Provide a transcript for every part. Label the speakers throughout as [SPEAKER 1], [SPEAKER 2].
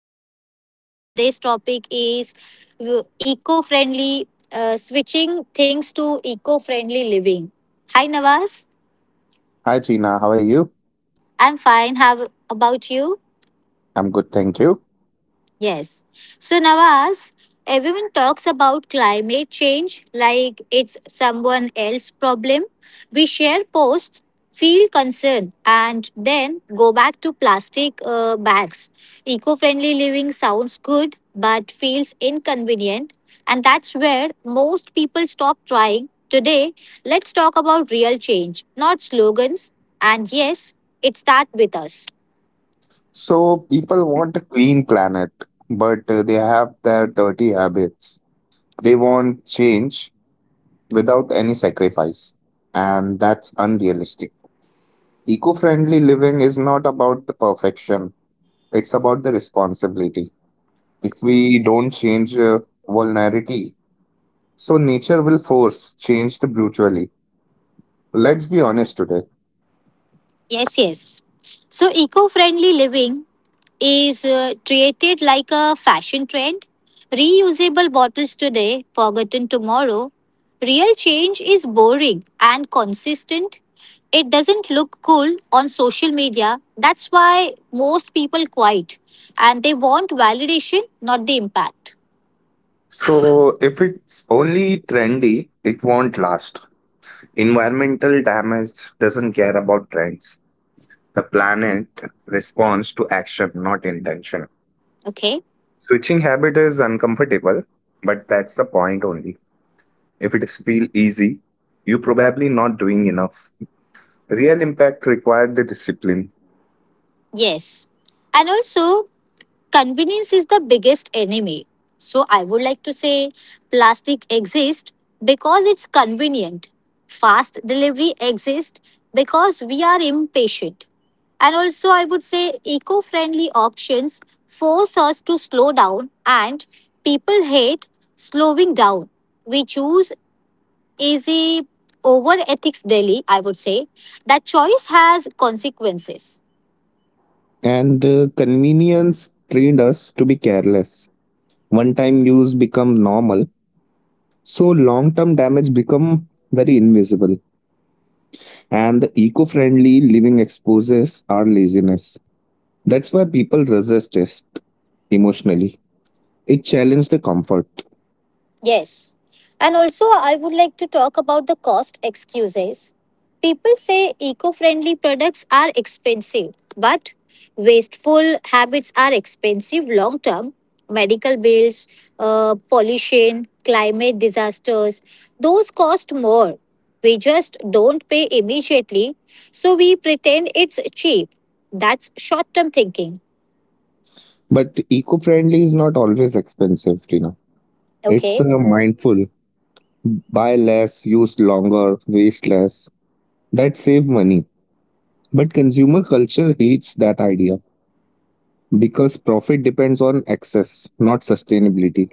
[SPEAKER 1] this podcast. And today's topic is eco friendly, switching things to eco friendly living. Hi, Nawaz.
[SPEAKER 2] Hi, Trina. How are you?
[SPEAKER 1] I'm fine. How about you?
[SPEAKER 2] I'm good, thank you.
[SPEAKER 1] Yes. So, Nawaz, everyone talks about climate change like it's someone else's problem. We share posts, feel concern, and then go back to plastic bags. Eco friendly living sounds good, but feels inconvenient. And that's where most people stop trying. Today, let's talk about real change, not slogans. And yes, it starts with us.
[SPEAKER 2] So, people want a clean planet, but they have their dirty habits. They want change without any sacrifice, and that's unrealistic. Eco friendly living is not about the perfection, it's about the responsibility. If we don't change vulnerability, so nature will force change the brutally. Let's be honest today.
[SPEAKER 1] Yes, yes. So, eco friendly living is treated like a fashion trend. Reusable bottles today, forgotten tomorrow. Real change is boring and consistent. It doesn't look cool on social media. That's why most people quiet and they want validation, not the impact.
[SPEAKER 2] So, if it's only trendy, it won't last. Environmental damage doesn't care about trends. The planet responds to action, not intention.
[SPEAKER 1] Okay?
[SPEAKER 2] Switching habit is uncomfortable, but that's the point only. If it is feel easy, you are probably not doing enough. Real impact required the discipline.
[SPEAKER 1] Yes. And also, convenience is the biggest enemy. So I would like to say plastic exists because it's convenient. Fast delivery exists because we are impatient. And also, I would say eco friendly options force us to slow down, and people hate slowing down. We choose easy over ethics daily, I would say. That choice has consequences.
[SPEAKER 2] And convenience trained us to be careless. One time use become normal, so long term damage become very invisible. And the eco friendly living exposes our laziness. That's why people resist it emotionally. It challenges the comfort.
[SPEAKER 1] Yes. And also, I would like to talk about the cost excuses. People say eco friendly products are expensive, but wasteful habits are expensive long term. Medical bills, pollution, climate disasters, those cost more. We just don't pay immediately, so we pretend it's cheap. That's short term thinking.
[SPEAKER 2] But eco friendly is not always expensive, Tina. It's
[SPEAKER 1] Okay.
[SPEAKER 2] mindful. Buy less, use longer, waste less. That save money. But consumer culture hates that idea because profit depends on excess, not sustainability.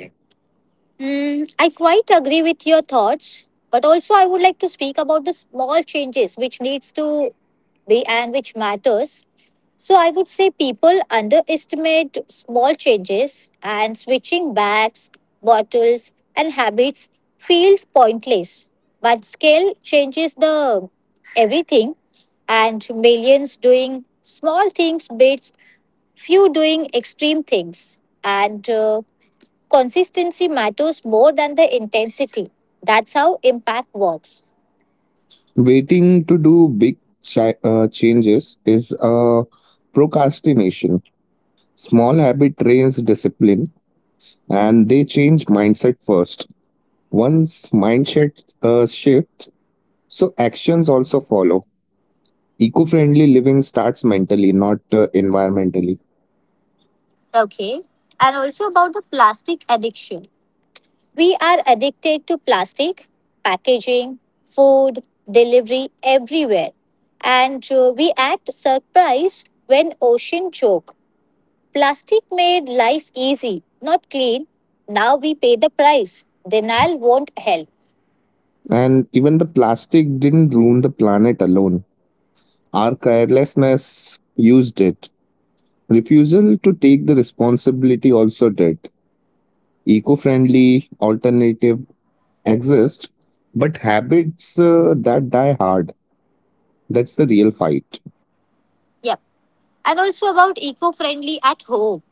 [SPEAKER 1] Mm, I quite agree with your thoughts, but also I would like to speak about the small changes which needs to be and which matters. So I would say people underestimate small changes and switching bags, bottles, and habits feels pointless. But scale changes the everything, and millions doing small things beats few doing extreme things, and consistency matters more than the intensity. That's how impact works.
[SPEAKER 2] Waiting to do big changes is procrastination. Small habit trains discipline and they change mindset first. Once mindset shifts, so actions also follow. Eco-friendly living starts mentally, not environmentally.
[SPEAKER 1] Okay. And also about the plastic addiction. We are addicted to plastic, packaging, food, delivery everywhere. And We act surprised when ocean choke. Plastic made life easy, not clean. Now we pay the price. Denial won't help.
[SPEAKER 2] And even the plastic didn't ruin the planet alone. Our carelessness used it. Refusal to take the responsibility also did. Eco-friendly alternative exist, but habits that die hard. That's the real fight.
[SPEAKER 1] Yep. And also about eco friendly at home.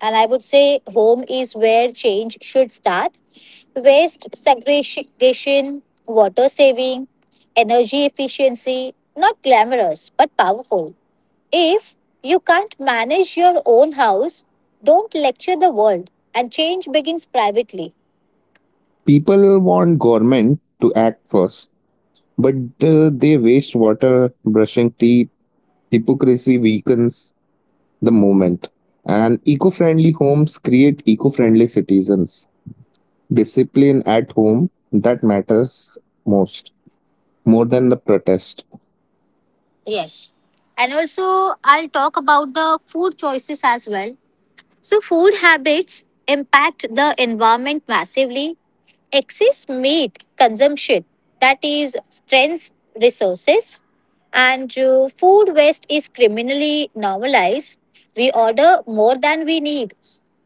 [SPEAKER 1] And I would say home is where change should start. Waste segregation, water saving, energy efficiency, not glamorous, but powerful. If you can't manage your own house, don't lecture the world, and change begins privately.
[SPEAKER 2] People want government to act first. But they waste water brushing teeth. Hypocrisy weakens the movement. And eco friendly homes create eco friendly citizens. Discipline at home that matters most, more than the protest.
[SPEAKER 1] Yes. And also, I'll talk about the food choices as well. So, food habits impact the environment massively, excess meat consumption that is strains resources, and food waste is criminally normalized. We order more than we need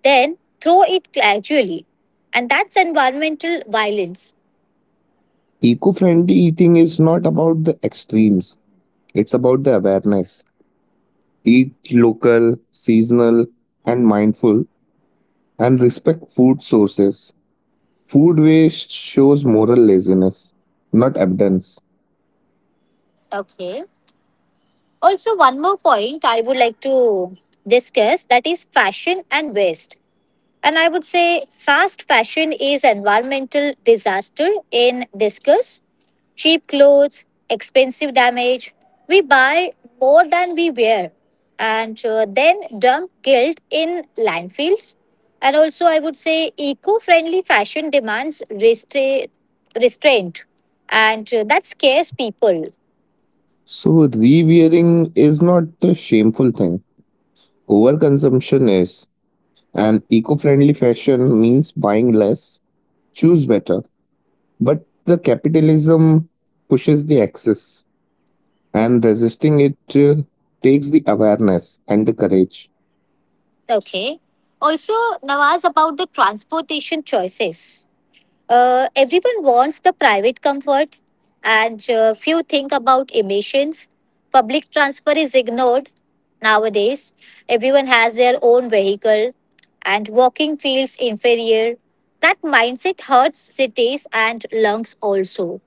[SPEAKER 1] then throw it gradually, and that's environmental violence.
[SPEAKER 2] Eco friendly eating is not about the extremes, it's about the awareness. Eat local, seasonal, and mindful, and respect food sources. Food waste shows moral laziness, not abundance.
[SPEAKER 1] Okay, also one more point I would like to discuss, that is fashion and waste. And I would say fast fashion is environmental disaster in disguise. Cheap clothes, expensive damage. We buy more than we wear and then dump guilt in landfills. And also, I would say eco friendly fashion demands restraint, and that scares people.
[SPEAKER 2] So, rewearing is not a shameful thing. Overconsumption is. And eco friendly fashion means buying less, choose better. But the capitalism pushes the excess, and resisting it takes the awareness and the courage.
[SPEAKER 1] Okay. Also, Nawaz, about the transportation choices. Everyone wants the private comfort, and few think about emissions. Public transfer is ignored nowadays. Everyone has their own vehicle, and walking feels inferior. That mindset hurts cities and lungs also.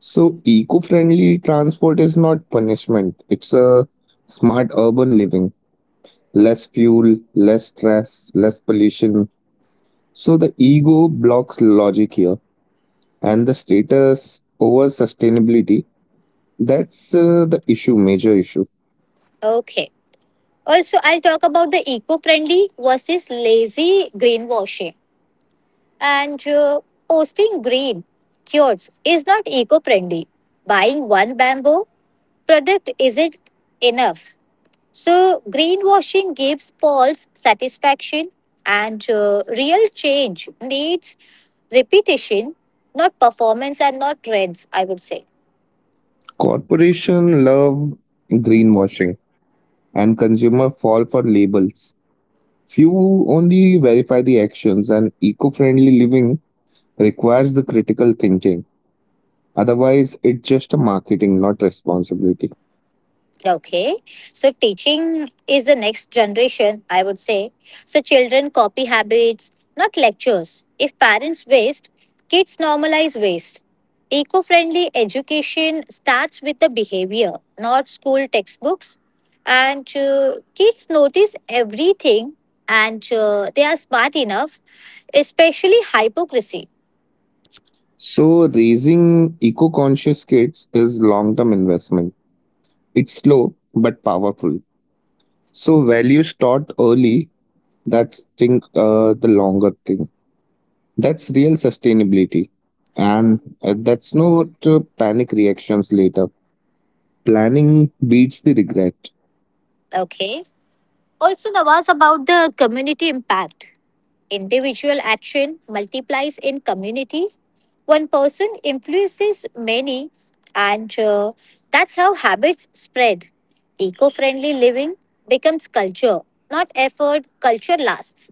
[SPEAKER 2] So, eco friendly transport is not punishment, it's a smart urban living. Less fuel, less stress, less pollution. So, the ego blocks logic here and the status over sustainability, that's the issue, major issue.
[SPEAKER 1] Okay. Also, I'll talk about the eco friendly versus lazy greenwashing. And Posting green cures is not eco friendly. Buying one bamboo product isn't enough. So, greenwashing gives false satisfaction, and real change needs repetition, not performance and not trends, I would say.
[SPEAKER 2] Corporation love greenwashing and consumer fall for labels. Few only verify the actions, and eco-friendly living requires the critical thinking. Otherwise it's just a marketing, not responsibility.
[SPEAKER 1] Okay. So teaching is the next generation, I would say. So children copy habits, not lectures. If parents waste, kids normalize waste. Eco friendly education starts with the behavior, not school textbooks. And Kids notice everything and they are smart enough, especially hypocrisy.
[SPEAKER 2] So raising eco-conscious kids is long-term investment. It's slow but powerful. So values taught early, that's think the longer thing. That's real sustainability, and that's not panic reactions later. Planning beats the regret.
[SPEAKER 1] Okay. Also, Nawaz, about the community impact. Individual action multiplies in community. One person influences many, and that's how habits spread. Eco friendly living becomes culture, not effort. Culture lasts.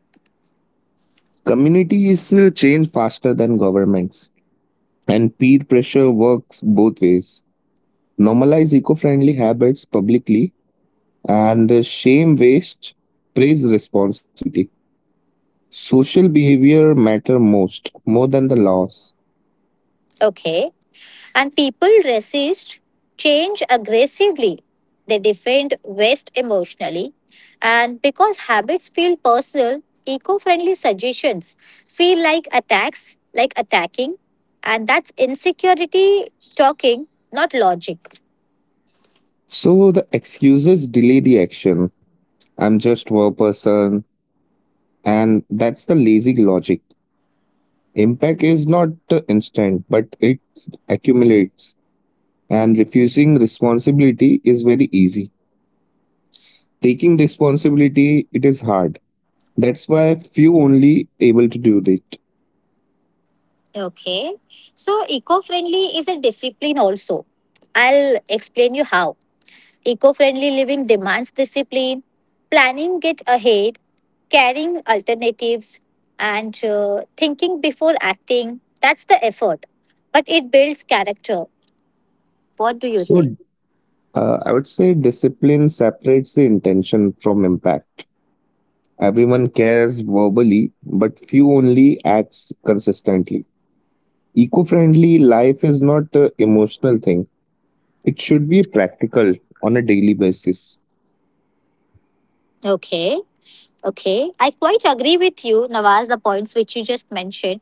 [SPEAKER 2] Communities change faster than governments, and peer pressure works both ways. Normalize eco-friendly habits publicly, and shame waste, praise responsibility. Social behavior matter most, more than the laws.
[SPEAKER 1] Okay. And people resist change aggressively. They defend waste emotionally. And because habits feel personal, eco friendly suggestions feel like attacks, like attacking. And that's insecurity talking, not logic.
[SPEAKER 2] So the excuses delay the action. I'm just one person. And that's the lazy logic. Impact is not instant, but it accumulates. And refusing responsibility is very easy. Taking responsibility, it is hard. That's why few only able to do it.
[SPEAKER 1] Okay. So, eco friendly is a discipline also. I'll explain you how. Eco friendly living demands discipline, planning get ahead, carrying alternatives and thinking before acting, that's the effort, but it builds character. What do you
[SPEAKER 2] So
[SPEAKER 1] say?
[SPEAKER 2] uh, I would say discipline separates the intention from impact. Everyone cares verbally, but few only acts consistently. Eco-friendly life is not an emotional thing. It should be practical on a daily basis.
[SPEAKER 1] Okay. Okay, I quite agree with you, Nawaz, the points which you just mentioned.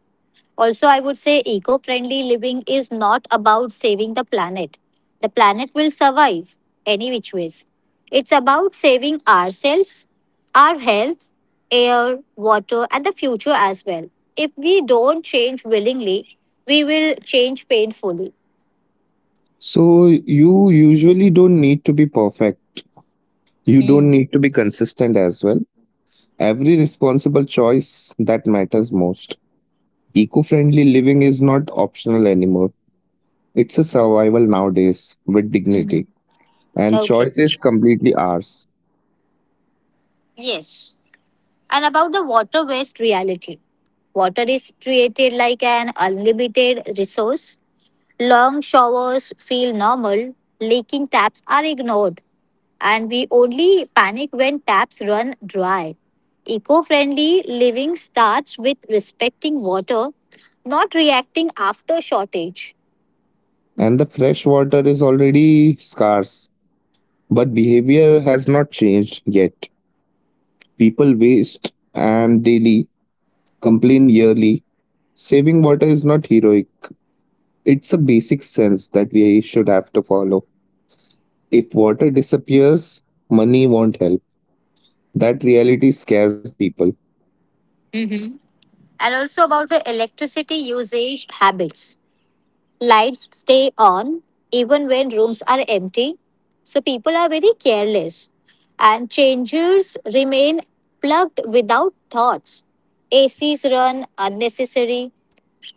[SPEAKER 1] Also, I would say eco friendly living is not about saving the planet. The planet will survive any which ways. It's about saving ourselves, our health, air, water, and the future as well. If we don't change willingly, we will change painfully.
[SPEAKER 2] So you usually don't need to be perfect. You don't
[SPEAKER 1] Mm.
[SPEAKER 2] need to be consistent as well. Every responsible choice that matters most. Eco friendly living is not optional anymore. It's a survival nowadays with
[SPEAKER 1] Mhm.
[SPEAKER 2] dignity. And
[SPEAKER 1] Okay.
[SPEAKER 2] choice is completely ours.
[SPEAKER 1] Yes. And about the water waste reality. Water is treated like an unlimited resource. Long showers feel normal, leaking taps are ignored, and we only panic when taps run dry. Eco friendly living starts with respecting water, not reacting after shortage.
[SPEAKER 2] And the fresh water is already scarce. But behavior has not changed yet. People waste and daily, complain yearly. Saving water is not heroic. It's a basic sense that we should have to follow. If water disappears, money won't help. That reality scares the people.
[SPEAKER 1] Mhm. And also about the electricity usage habits. Lights stay on even when rooms are empty. So people are very careless. And changers remain plugged without thoughts. ACs run unnecessary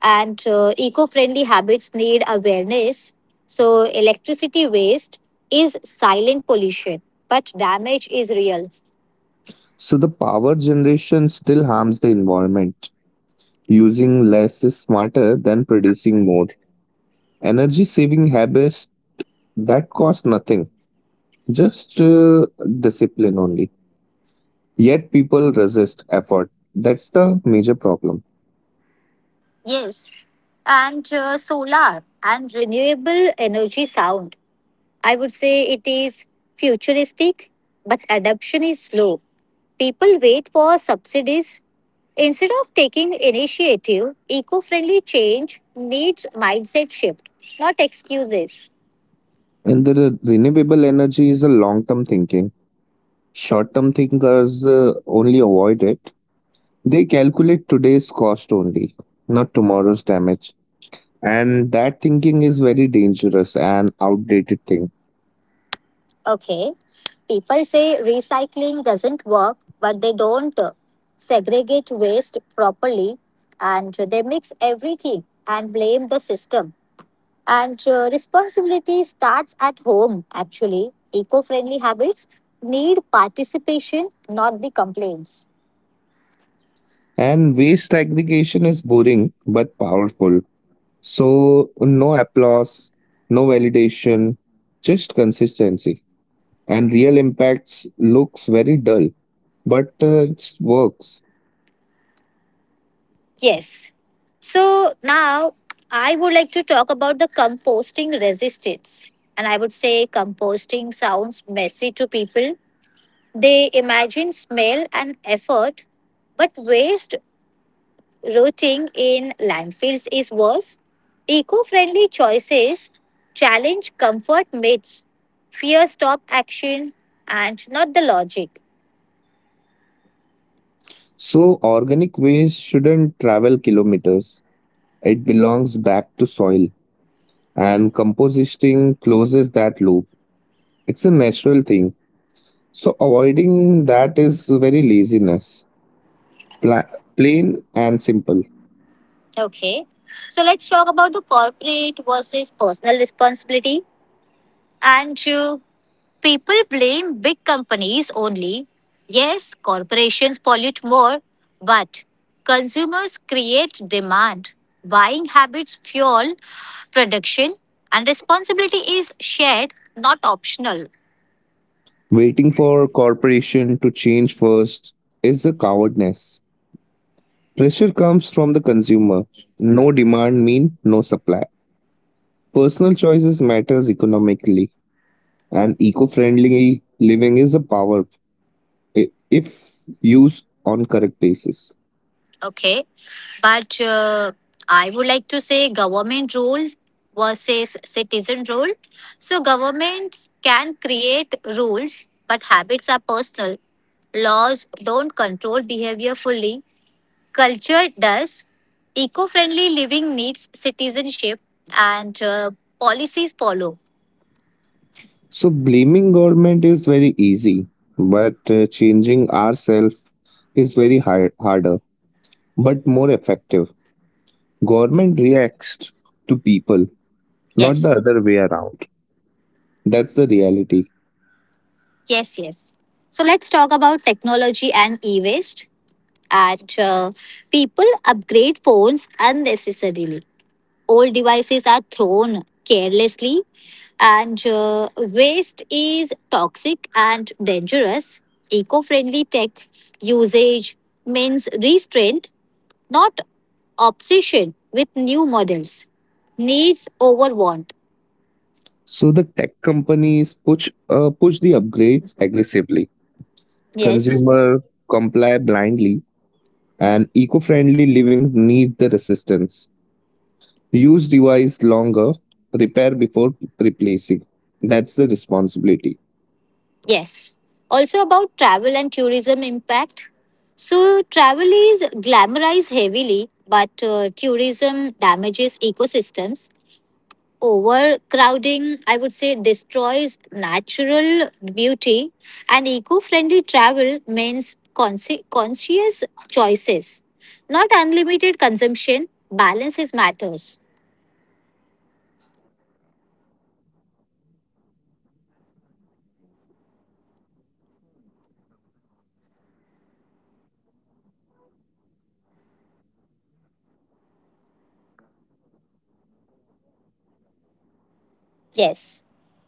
[SPEAKER 1] and eco friendly habits need awareness. So electricity waste is silent pollution, but damage is real.
[SPEAKER 2] So the power generation still harms the environment. Using less is smarter than producing more. Energy saving habits that cost nothing, just discipline only. Yet people resist effort. That's the major problem.
[SPEAKER 1] Yes, and solar and renewable energy sound, I would say it is futuristic, but adoption is slow. People wait for subsidies instead of taking initiative. Eco friendly change needs mindset shift, not excuses.
[SPEAKER 2] And the renewable energy is a long term thinking. Short term thinkers only avoid it. They calculate today's cost only, not tomorrow's damage. And that thinking is very dangerous and outdated thing.
[SPEAKER 1] Okay, people say recycling doesn't work, but they don't segregate waste properly and they mix everything and blame the system. And Responsibility starts at home, actually. Eco friendly habits need participation, not the complaints.
[SPEAKER 2] And waste aggregation is boring but powerful. So, no applause, no validation, just consistency. And real impacts looks very dull, but it works.
[SPEAKER 1] Yes. So now I would like to talk about the composting resistance. And I would say composting sounds messy to people. They imagine smell and effort, but waste rotting in landfills is worse. Eco friendly choices challenge comfort myths, fear stop action, and not the logic.
[SPEAKER 2] So, organic waste shouldn't travel kilometers. It belongs back to soil, and composting closes that loop. It's a natural thing. So avoiding that is very laziness. Pla- Plain and simple.
[SPEAKER 1] Okay, so let's talk about the corporate versus personal responsibility. Andrew, people blame big companies only. Yes, corporations pollute more, but consumers create demand. Buying habits fuel production, and responsibility is shared, not optional.
[SPEAKER 2] Waiting for corporation to change first is a cowardness. Pressure comes from the consumer. No demand mean no supply. Personal choices matters economically, and eco-friendly living is a power if used on correct basis.
[SPEAKER 1] Okay, but I would like to say government rule versus citizen rule. So, governments can create rules, but habits are personal. Laws don't control behavior fully. Culture does. Eco friendly living needs citizenship and policies follow.
[SPEAKER 2] So blaming government is very easy, but changing ourselves is very hard, harder, but more effective. Government reacts to people, not the
[SPEAKER 1] Yes,
[SPEAKER 2] other way around. That's the reality.
[SPEAKER 1] yes, yes. So let's talk about technology and e waste. And People upgrade phones unnecessarily. Old devices are thrown carelessly, and waste is toxic and dangerous. Eco friendly tech usage means restraint, not obsession with new models. Needs over want.
[SPEAKER 2] So the tech companies push the upgrades aggressively.
[SPEAKER 1] Yes,
[SPEAKER 2] Consumer comply blindly, and eco-friendly living need the resistance. Use device longer, repair before replacing. That's the responsibility.
[SPEAKER 1] yes. Also about travel and tourism impact. So, travel is glamorized heavily, but tourism damages ecosystems. Overcrowding, I would say, destroys natural beauty, and eco friendly travel means conscious choices. Not unlimited consumption, balances matters.
[SPEAKER 2] That's correct. So enjoying nature shouldn't destroy it. So we have to respect local environments, reduce waste while traveling, and travel lightly. Luxury without responsibility is harmful always.
[SPEAKER 1] Yes.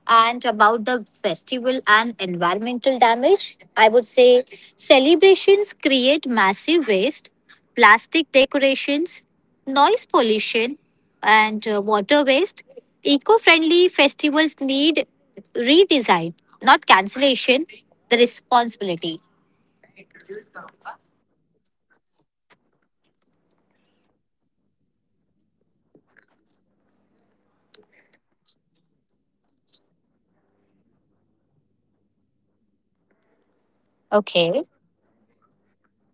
[SPEAKER 1] And about the festival and environmental damage, I would say celebrations create massive waste, plastic decorations, noise pollution, and water waste. Eco friendly festivals need redesign, not cancellation, the responsibility.
[SPEAKER 2] Tradition shouldn't damage the future. Celebration without awareness is selfishness. Eco friendly alternatives exist, but refusing them is a stubbornness. Culture
[SPEAKER 1] Okay.
[SPEAKER 2] evolves or it harms.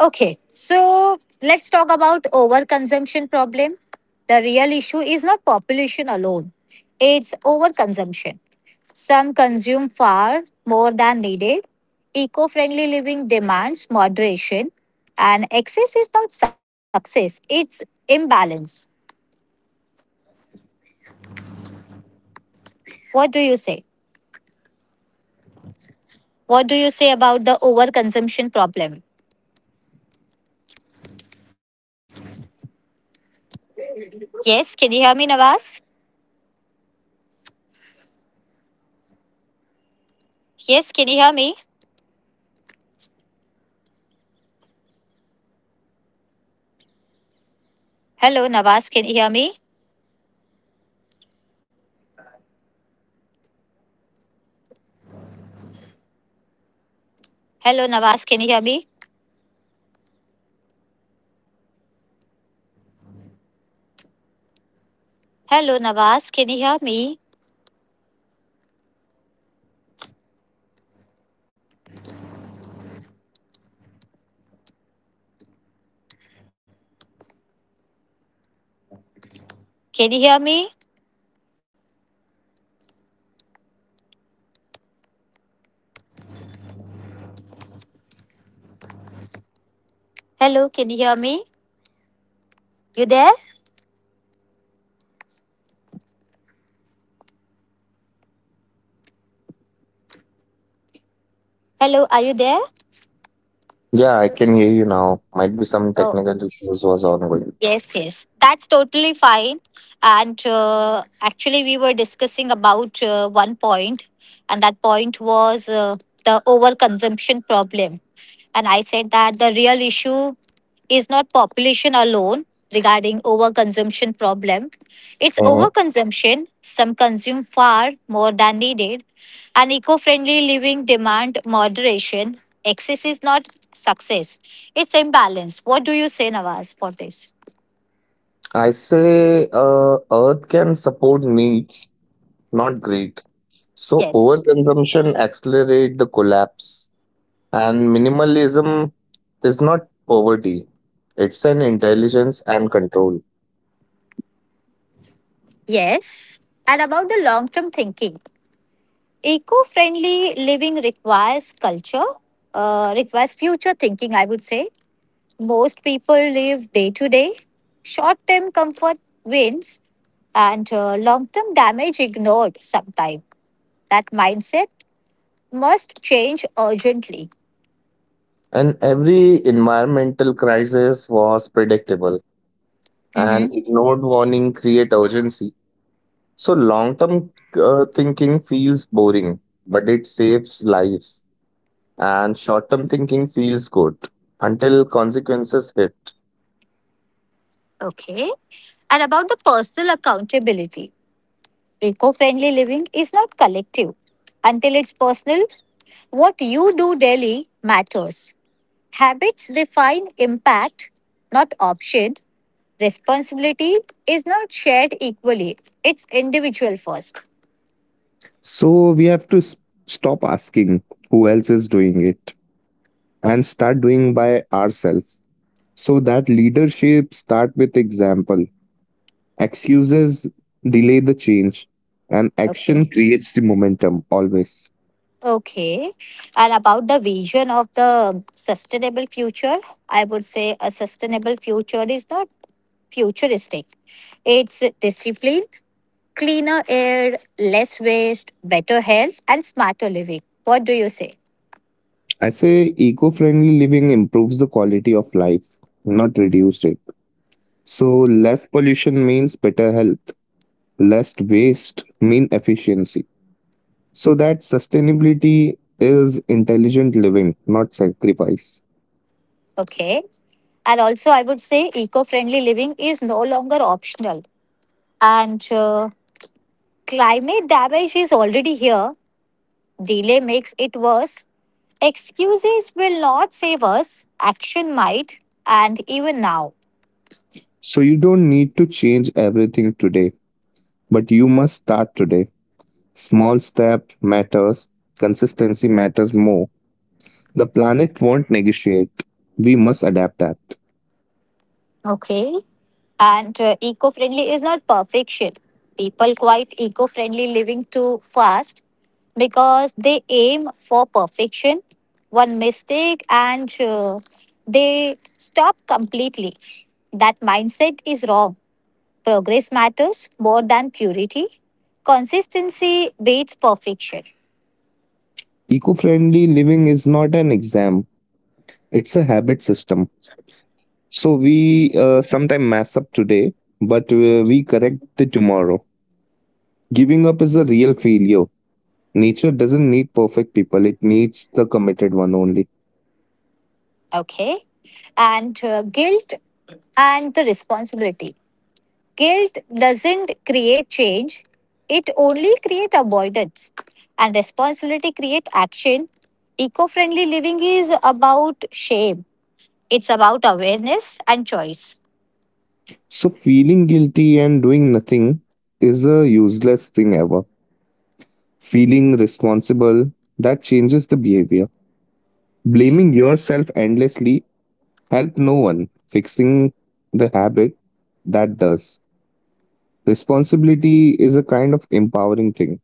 [SPEAKER 1] Okay, so let's talk about overconsumption problem. The real issue is not population alone. It's overconsumption. Some consume far more than needed. Eco-friendly living demands moderation and excess is not success, it's imbalance. What do you say? What do you say about the overconsumption problem? Yes, can you hear me, Nawaz? Yes, can you hear me? Hello, Nawaz, can you hear me? Hello, Nawaz, can you hear me? Hello, Nawaz. Can you hear me? Can you hear me? Hello, can you hear me? You there? Hello, are you there?
[SPEAKER 2] Yeah, I can hear you now. Might be some
[SPEAKER 1] Oh.
[SPEAKER 2] technical issues was ongoing.
[SPEAKER 1] Yes, yes, that's totally fine. And Actually, we were discussing about one point, and that point was the overconsumption problem. And I said that the real issue is not population alone regarding overconsumption problem. It's
[SPEAKER 2] Hmm,
[SPEAKER 1] overconsumption. Some consume far more than needed, and eco-friendly living demand moderation. Excess is not success. It's imbalance. What do you say, Nawaz, for this?
[SPEAKER 2] I say Earth can support needs, not greed. So
[SPEAKER 1] Yes.
[SPEAKER 2] overconsumption accelerate the collapse, and minimalism is not poverty. It's an intelligence and control.
[SPEAKER 1] Yes. And about the long term thinking, eco friendly living requires culture, requires future thinking, I would say. Most people live day to day. Short term comfort wins and long term damage ignored sometime. That mindset must change urgently.
[SPEAKER 2] And every environmental crisis was predictable,
[SPEAKER 1] Hmm.
[SPEAKER 2] and ignored warning create urgency. So long-term thinking feels boring, but it saves lives, and short term thinking feels good until consequences hit.
[SPEAKER 1] Okay. And about the personal accountability, eco friendly living is not collective. Until it's personal, what you do daily matters. Habits define impact, not option. Responsibility is not shared equally, it's individual first.
[SPEAKER 2] So we have to stop asking who else is doing it and start doing by ourselves. So that leadership start with example. Excuses delay the change, and
[SPEAKER 1] Okay.
[SPEAKER 2] action creates the momentum always.
[SPEAKER 1] Okay. And about the vision of the sustainable future, I would say a sustainable future is not futuristic. It's discipline, cleaner air, less waste, better health, and smarter living. What do you say?
[SPEAKER 2] I say eco-friendly living improves the quality of life, not reduce it. So less pollution means better health, less waste mean efficiency. So that sustainability is intelligent living, not sacrifice.
[SPEAKER 1] Okay. And also I would say eco-friendly living is no longer optional, and climate damage is already here. Delay makes it worse. Excuses will not save us, action might. And even now.
[SPEAKER 2] So you don't need to change everything today, but you must start today. Small step matters, consistency matters more. The planet won't negotiate. We must adapt that.
[SPEAKER 1] Okay. And Eco friendly is not perfection. People quite eco friendly living too fast because they aim for perfection, one mistake, and they stop completely. That mindset is wrong. Progress matters more than purity. Consistency beats perfection.
[SPEAKER 2] Eco friendly living is not an exam, it's a habit system. So we sometimes mess up today, but we correct the tomorrow. Giving up is a real failure. Nature doesn't need perfect people, it needs the committed one only.
[SPEAKER 1] Okay. And Guilt and the responsibility. Guilt doesn't create change, it only creates avoidance. And responsibility creates action. Eco friendly living is about shame, it's about awareness and choice.
[SPEAKER 2] So, feeling guilty and doing nothing is a useless thing ever. Feeling responsible, that changes the behavior. Blaming yourself endlessly help no one. Fixing the habit, that does. Responsibility is a kind of empowering thing,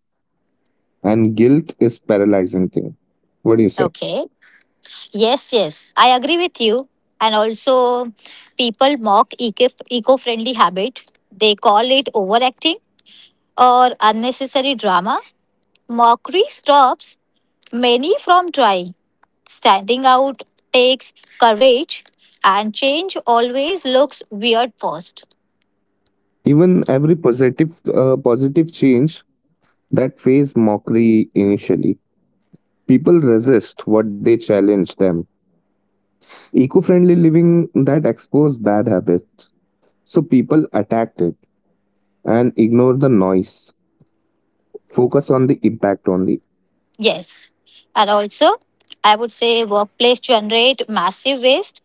[SPEAKER 2] and guilt is paralyzing thing. What do you say?
[SPEAKER 1] Okay. Yes, yes, I agree with you. And also, people mock eco friendly habit, they call it overacting or unnecessary drama. Mockery stops many from trying. Standing out takes courage, and change always looks weird first.
[SPEAKER 2] Even every positive change that face mockery initially. People resist what they challenge them. Eco friendly living that exposed bad habits. So people attacked it, and ignore the noise, focus on the impact only.
[SPEAKER 1] Yes. And also, I would say workplace generate massive waste,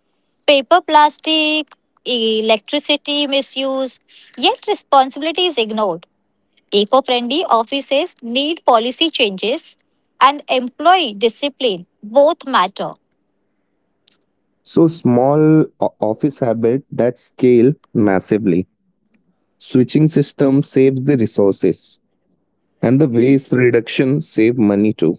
[SPEAKER 1] paper, plastic, electricity misuse, yet responsibility is ignored. Eco friendly offices need policy changes, and employee discipline both matter.
[SPEAKER 2] So small office habit that scale massively. Switching system saves the resources, and the waste reduction save money too.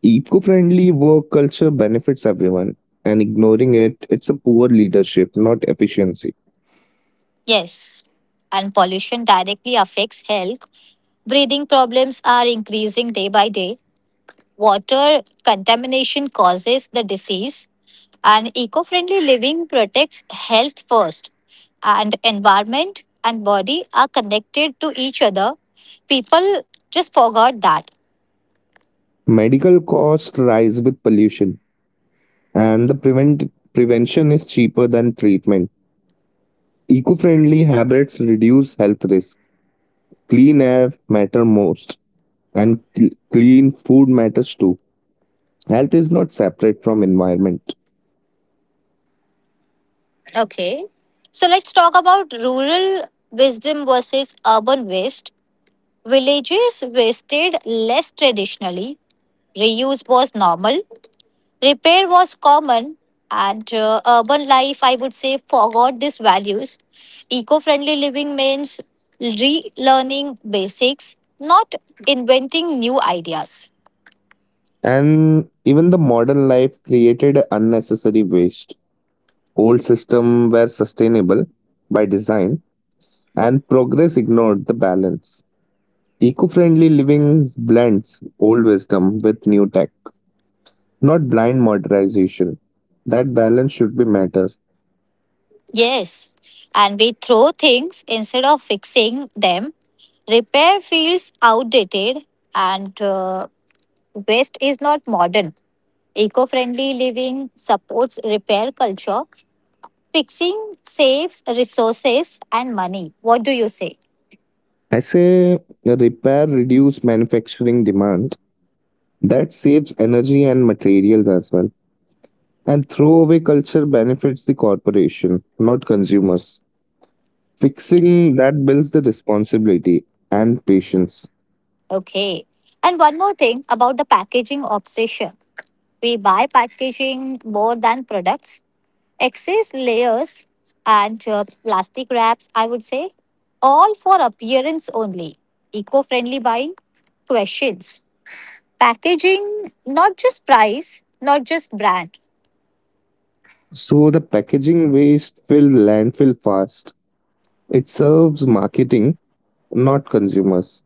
[SPEAKER 2] Eco-friendly work culture benefits everyone, and ignoring it, it's a poor leadership, not efficiency.
[SPEAKER 1] Yes. And pollution directly affects health, breathing problems are increasing day by day. Water contamination causes the disease, and eco friendly living protects health first. And environment and body are connected to each other. People just forgot that.
[SPEAKER 2] Medical costs rise with pollution, and the prevention is cheaper than treatment. Eco-friendly habits reduce health risk. Clean air matter most, and clean food matters too. Health is not separate from environment.
[SPEAKER 1] Okay. So let's talk about rural wisdom versus urban waste. Villages wasted less traditionally, reuse was normal, repair was common, and urban life, I would say, forgot these values. Eco friendly living means relearning basics, not inventing new ideas.
[SPEAKER 2] And even the modern life created unnecessary waste. Old system were sustainable by design, and progress ignored the balance. Eco-friendly living blends old wisdom with new tech, not blind modernization. That balance should be matters.
[SPEAKER 1] Yes, and we throw things instead of fixing them. Repair feels outdated, and waste is not modern. Eco friendly living supports repair culture. Fixing saves resources and money. What do you say?
[SPEAKER 2] I say repair, reduce manufacturing demand. That saves energy and materials as well. And throwaway culture benefits the corporation, not consumers. Fixing that builds the responsibility and patience.
[SPEAKER 1] Okay. And one more thing about the packaging obsession. We buy packaging more than products, excess layers and plastic wraps, I would say, all for appearance only. Eco friendly buying questions. Packaging, not just price, not just brand.
[SPEAKER 2] So the packaging waste fill landfill fast. It serves marketing, not consumers.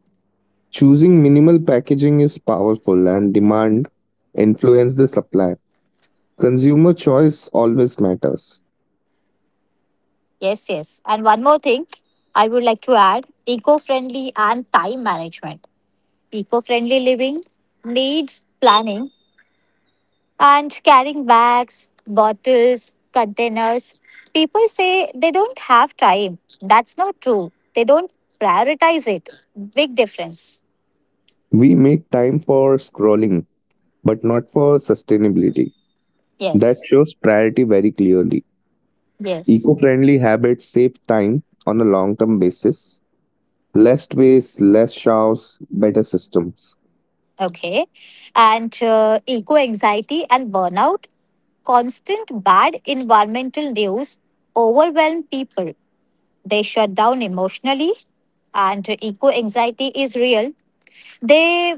[SPEAKER 2] Choosing minimal packaging is powerful, and demand influence the supply. Consumer choice always matters.
[SPEAKER 1] Yes, yes. And one more thing I would like to add, eco friendly and time management. Eco friendly living needs planning and carrying bags, bottles, containers. People say they don't have time. That's not true. They don't prioritize it. Big difference.
[SPEAKER 2] We make time for scrolling, but not for sustainability. That
[SPEAKER 1] Yes.
[SPEAKER 2] shows priority very clearly. Eco
[SPEAKER 1] Yes.
[SPEAKER 2] friendly habits save time on a long term basis. Less waste, less showers, better systems.
[SPEAKER 1] Okay. And Eco anxiety and burnout, constant bad environmental news overwhelm people. They shut down emotionally, and eco anxiety is real. They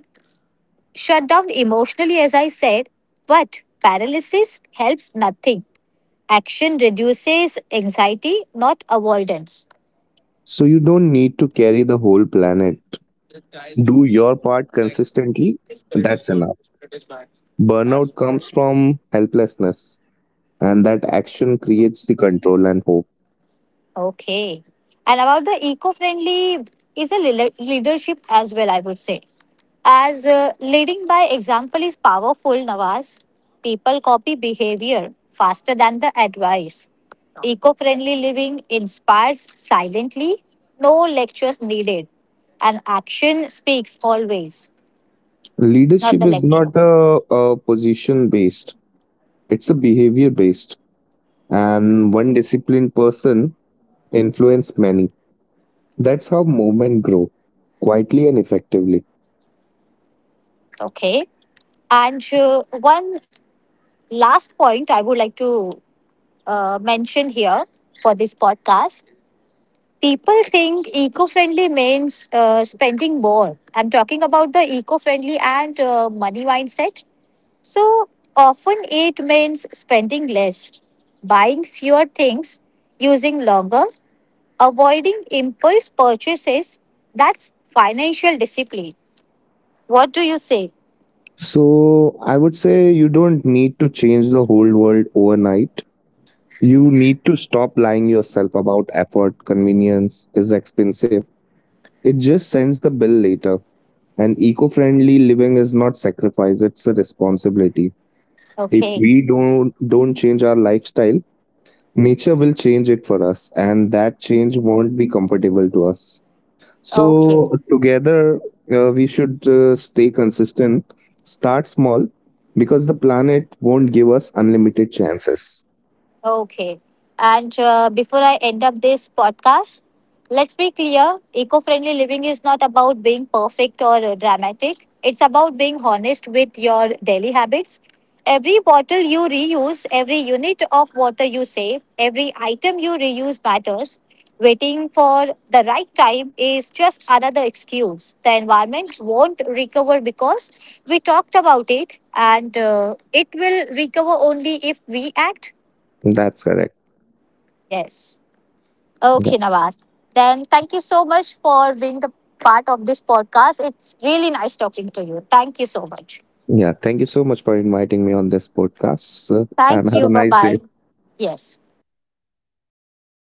[SPEAKER 1] shut down emotionally, as I said, but paralysis helps nothing. Action reduces anxiety, not avoidance.
[SPEAKER 2] So you don't need to carry the whole planet. Do your part consistently, that's enough. Burnout comes from helplessness, and that action creates the control and hope.
[SPEAKER 1] Okay. And about the eco friendly is a leadership as well, I would say. As leading by example is powerful, Nawaz. People copy behavior faster than the advice. Eco friendly living inspires silently, no lectures needed, and action speaks always. Not
[SPEAKER 2] Leadership
[SPEAKER 1] the
[SPEAKER 2] is
[SPEAKER 1] lecture.
[SPEAKER 2] not a position based, it's a behavior based. And one disciplined person influence many. That's how movement grow quietly and effectively.
[SPEAKER 1] Okay. And One last point I would like to mention here for this podcast. People think eco friendly means spending more. I'm talking about the eco friendly and money mindset. So often it means spending less, buying fewer things, using longer, avoiding impulse purchases. That's financial discipline. What do you say?
[SPEAKER 2] So I would say you don't need to change the whole world overnight. You need to stop lying yourself about effort. Convenience is expensive. It just sends the bill later. And eco-friendly living is not sacrifice, it's a responsibility. If
[SPEAKER 1] Okay.
[SPEAKER 2] we don't change our lifestyle, nature will change it for us, and that change won't be comfortable to us.
[SPEAKER 1] Okay.
[SPEAKER 2] So, together, we should stay consistent, start small, because the planet won't give us unlimited chances.
[SPEAKER 1] Okay. And Before I end up this podcast, let's be clear, eco friendly living is not about being perfect or dramatic. It's about being honest with your daily habits. Every bottle you reuse, every unit of water you save, every item you reuse matters. Waiting for the right time is just another excuse. The environment won't recover because we talked about it, and it will recover only if we act.
[SPEAKER 2] That's correct.
[SPEAKER 1] Yes.
[SPEAKER 2] Yeah.
[SPEAKER 1] Okay, Nawaz. Then thank you so much for being the part of this podcast. It's really nice talking to you. Thank you so much.
[SPEAKER 2] Yeah. Thank you so much for inviting me on this podcast, sir, and
[SPEAKER 1] Thank
[SPEAKER 2] have a
[SPEAKER 1] you. Bye
[SPEAKER 2] nice day.
[SPEAKER 1] bye. Yes.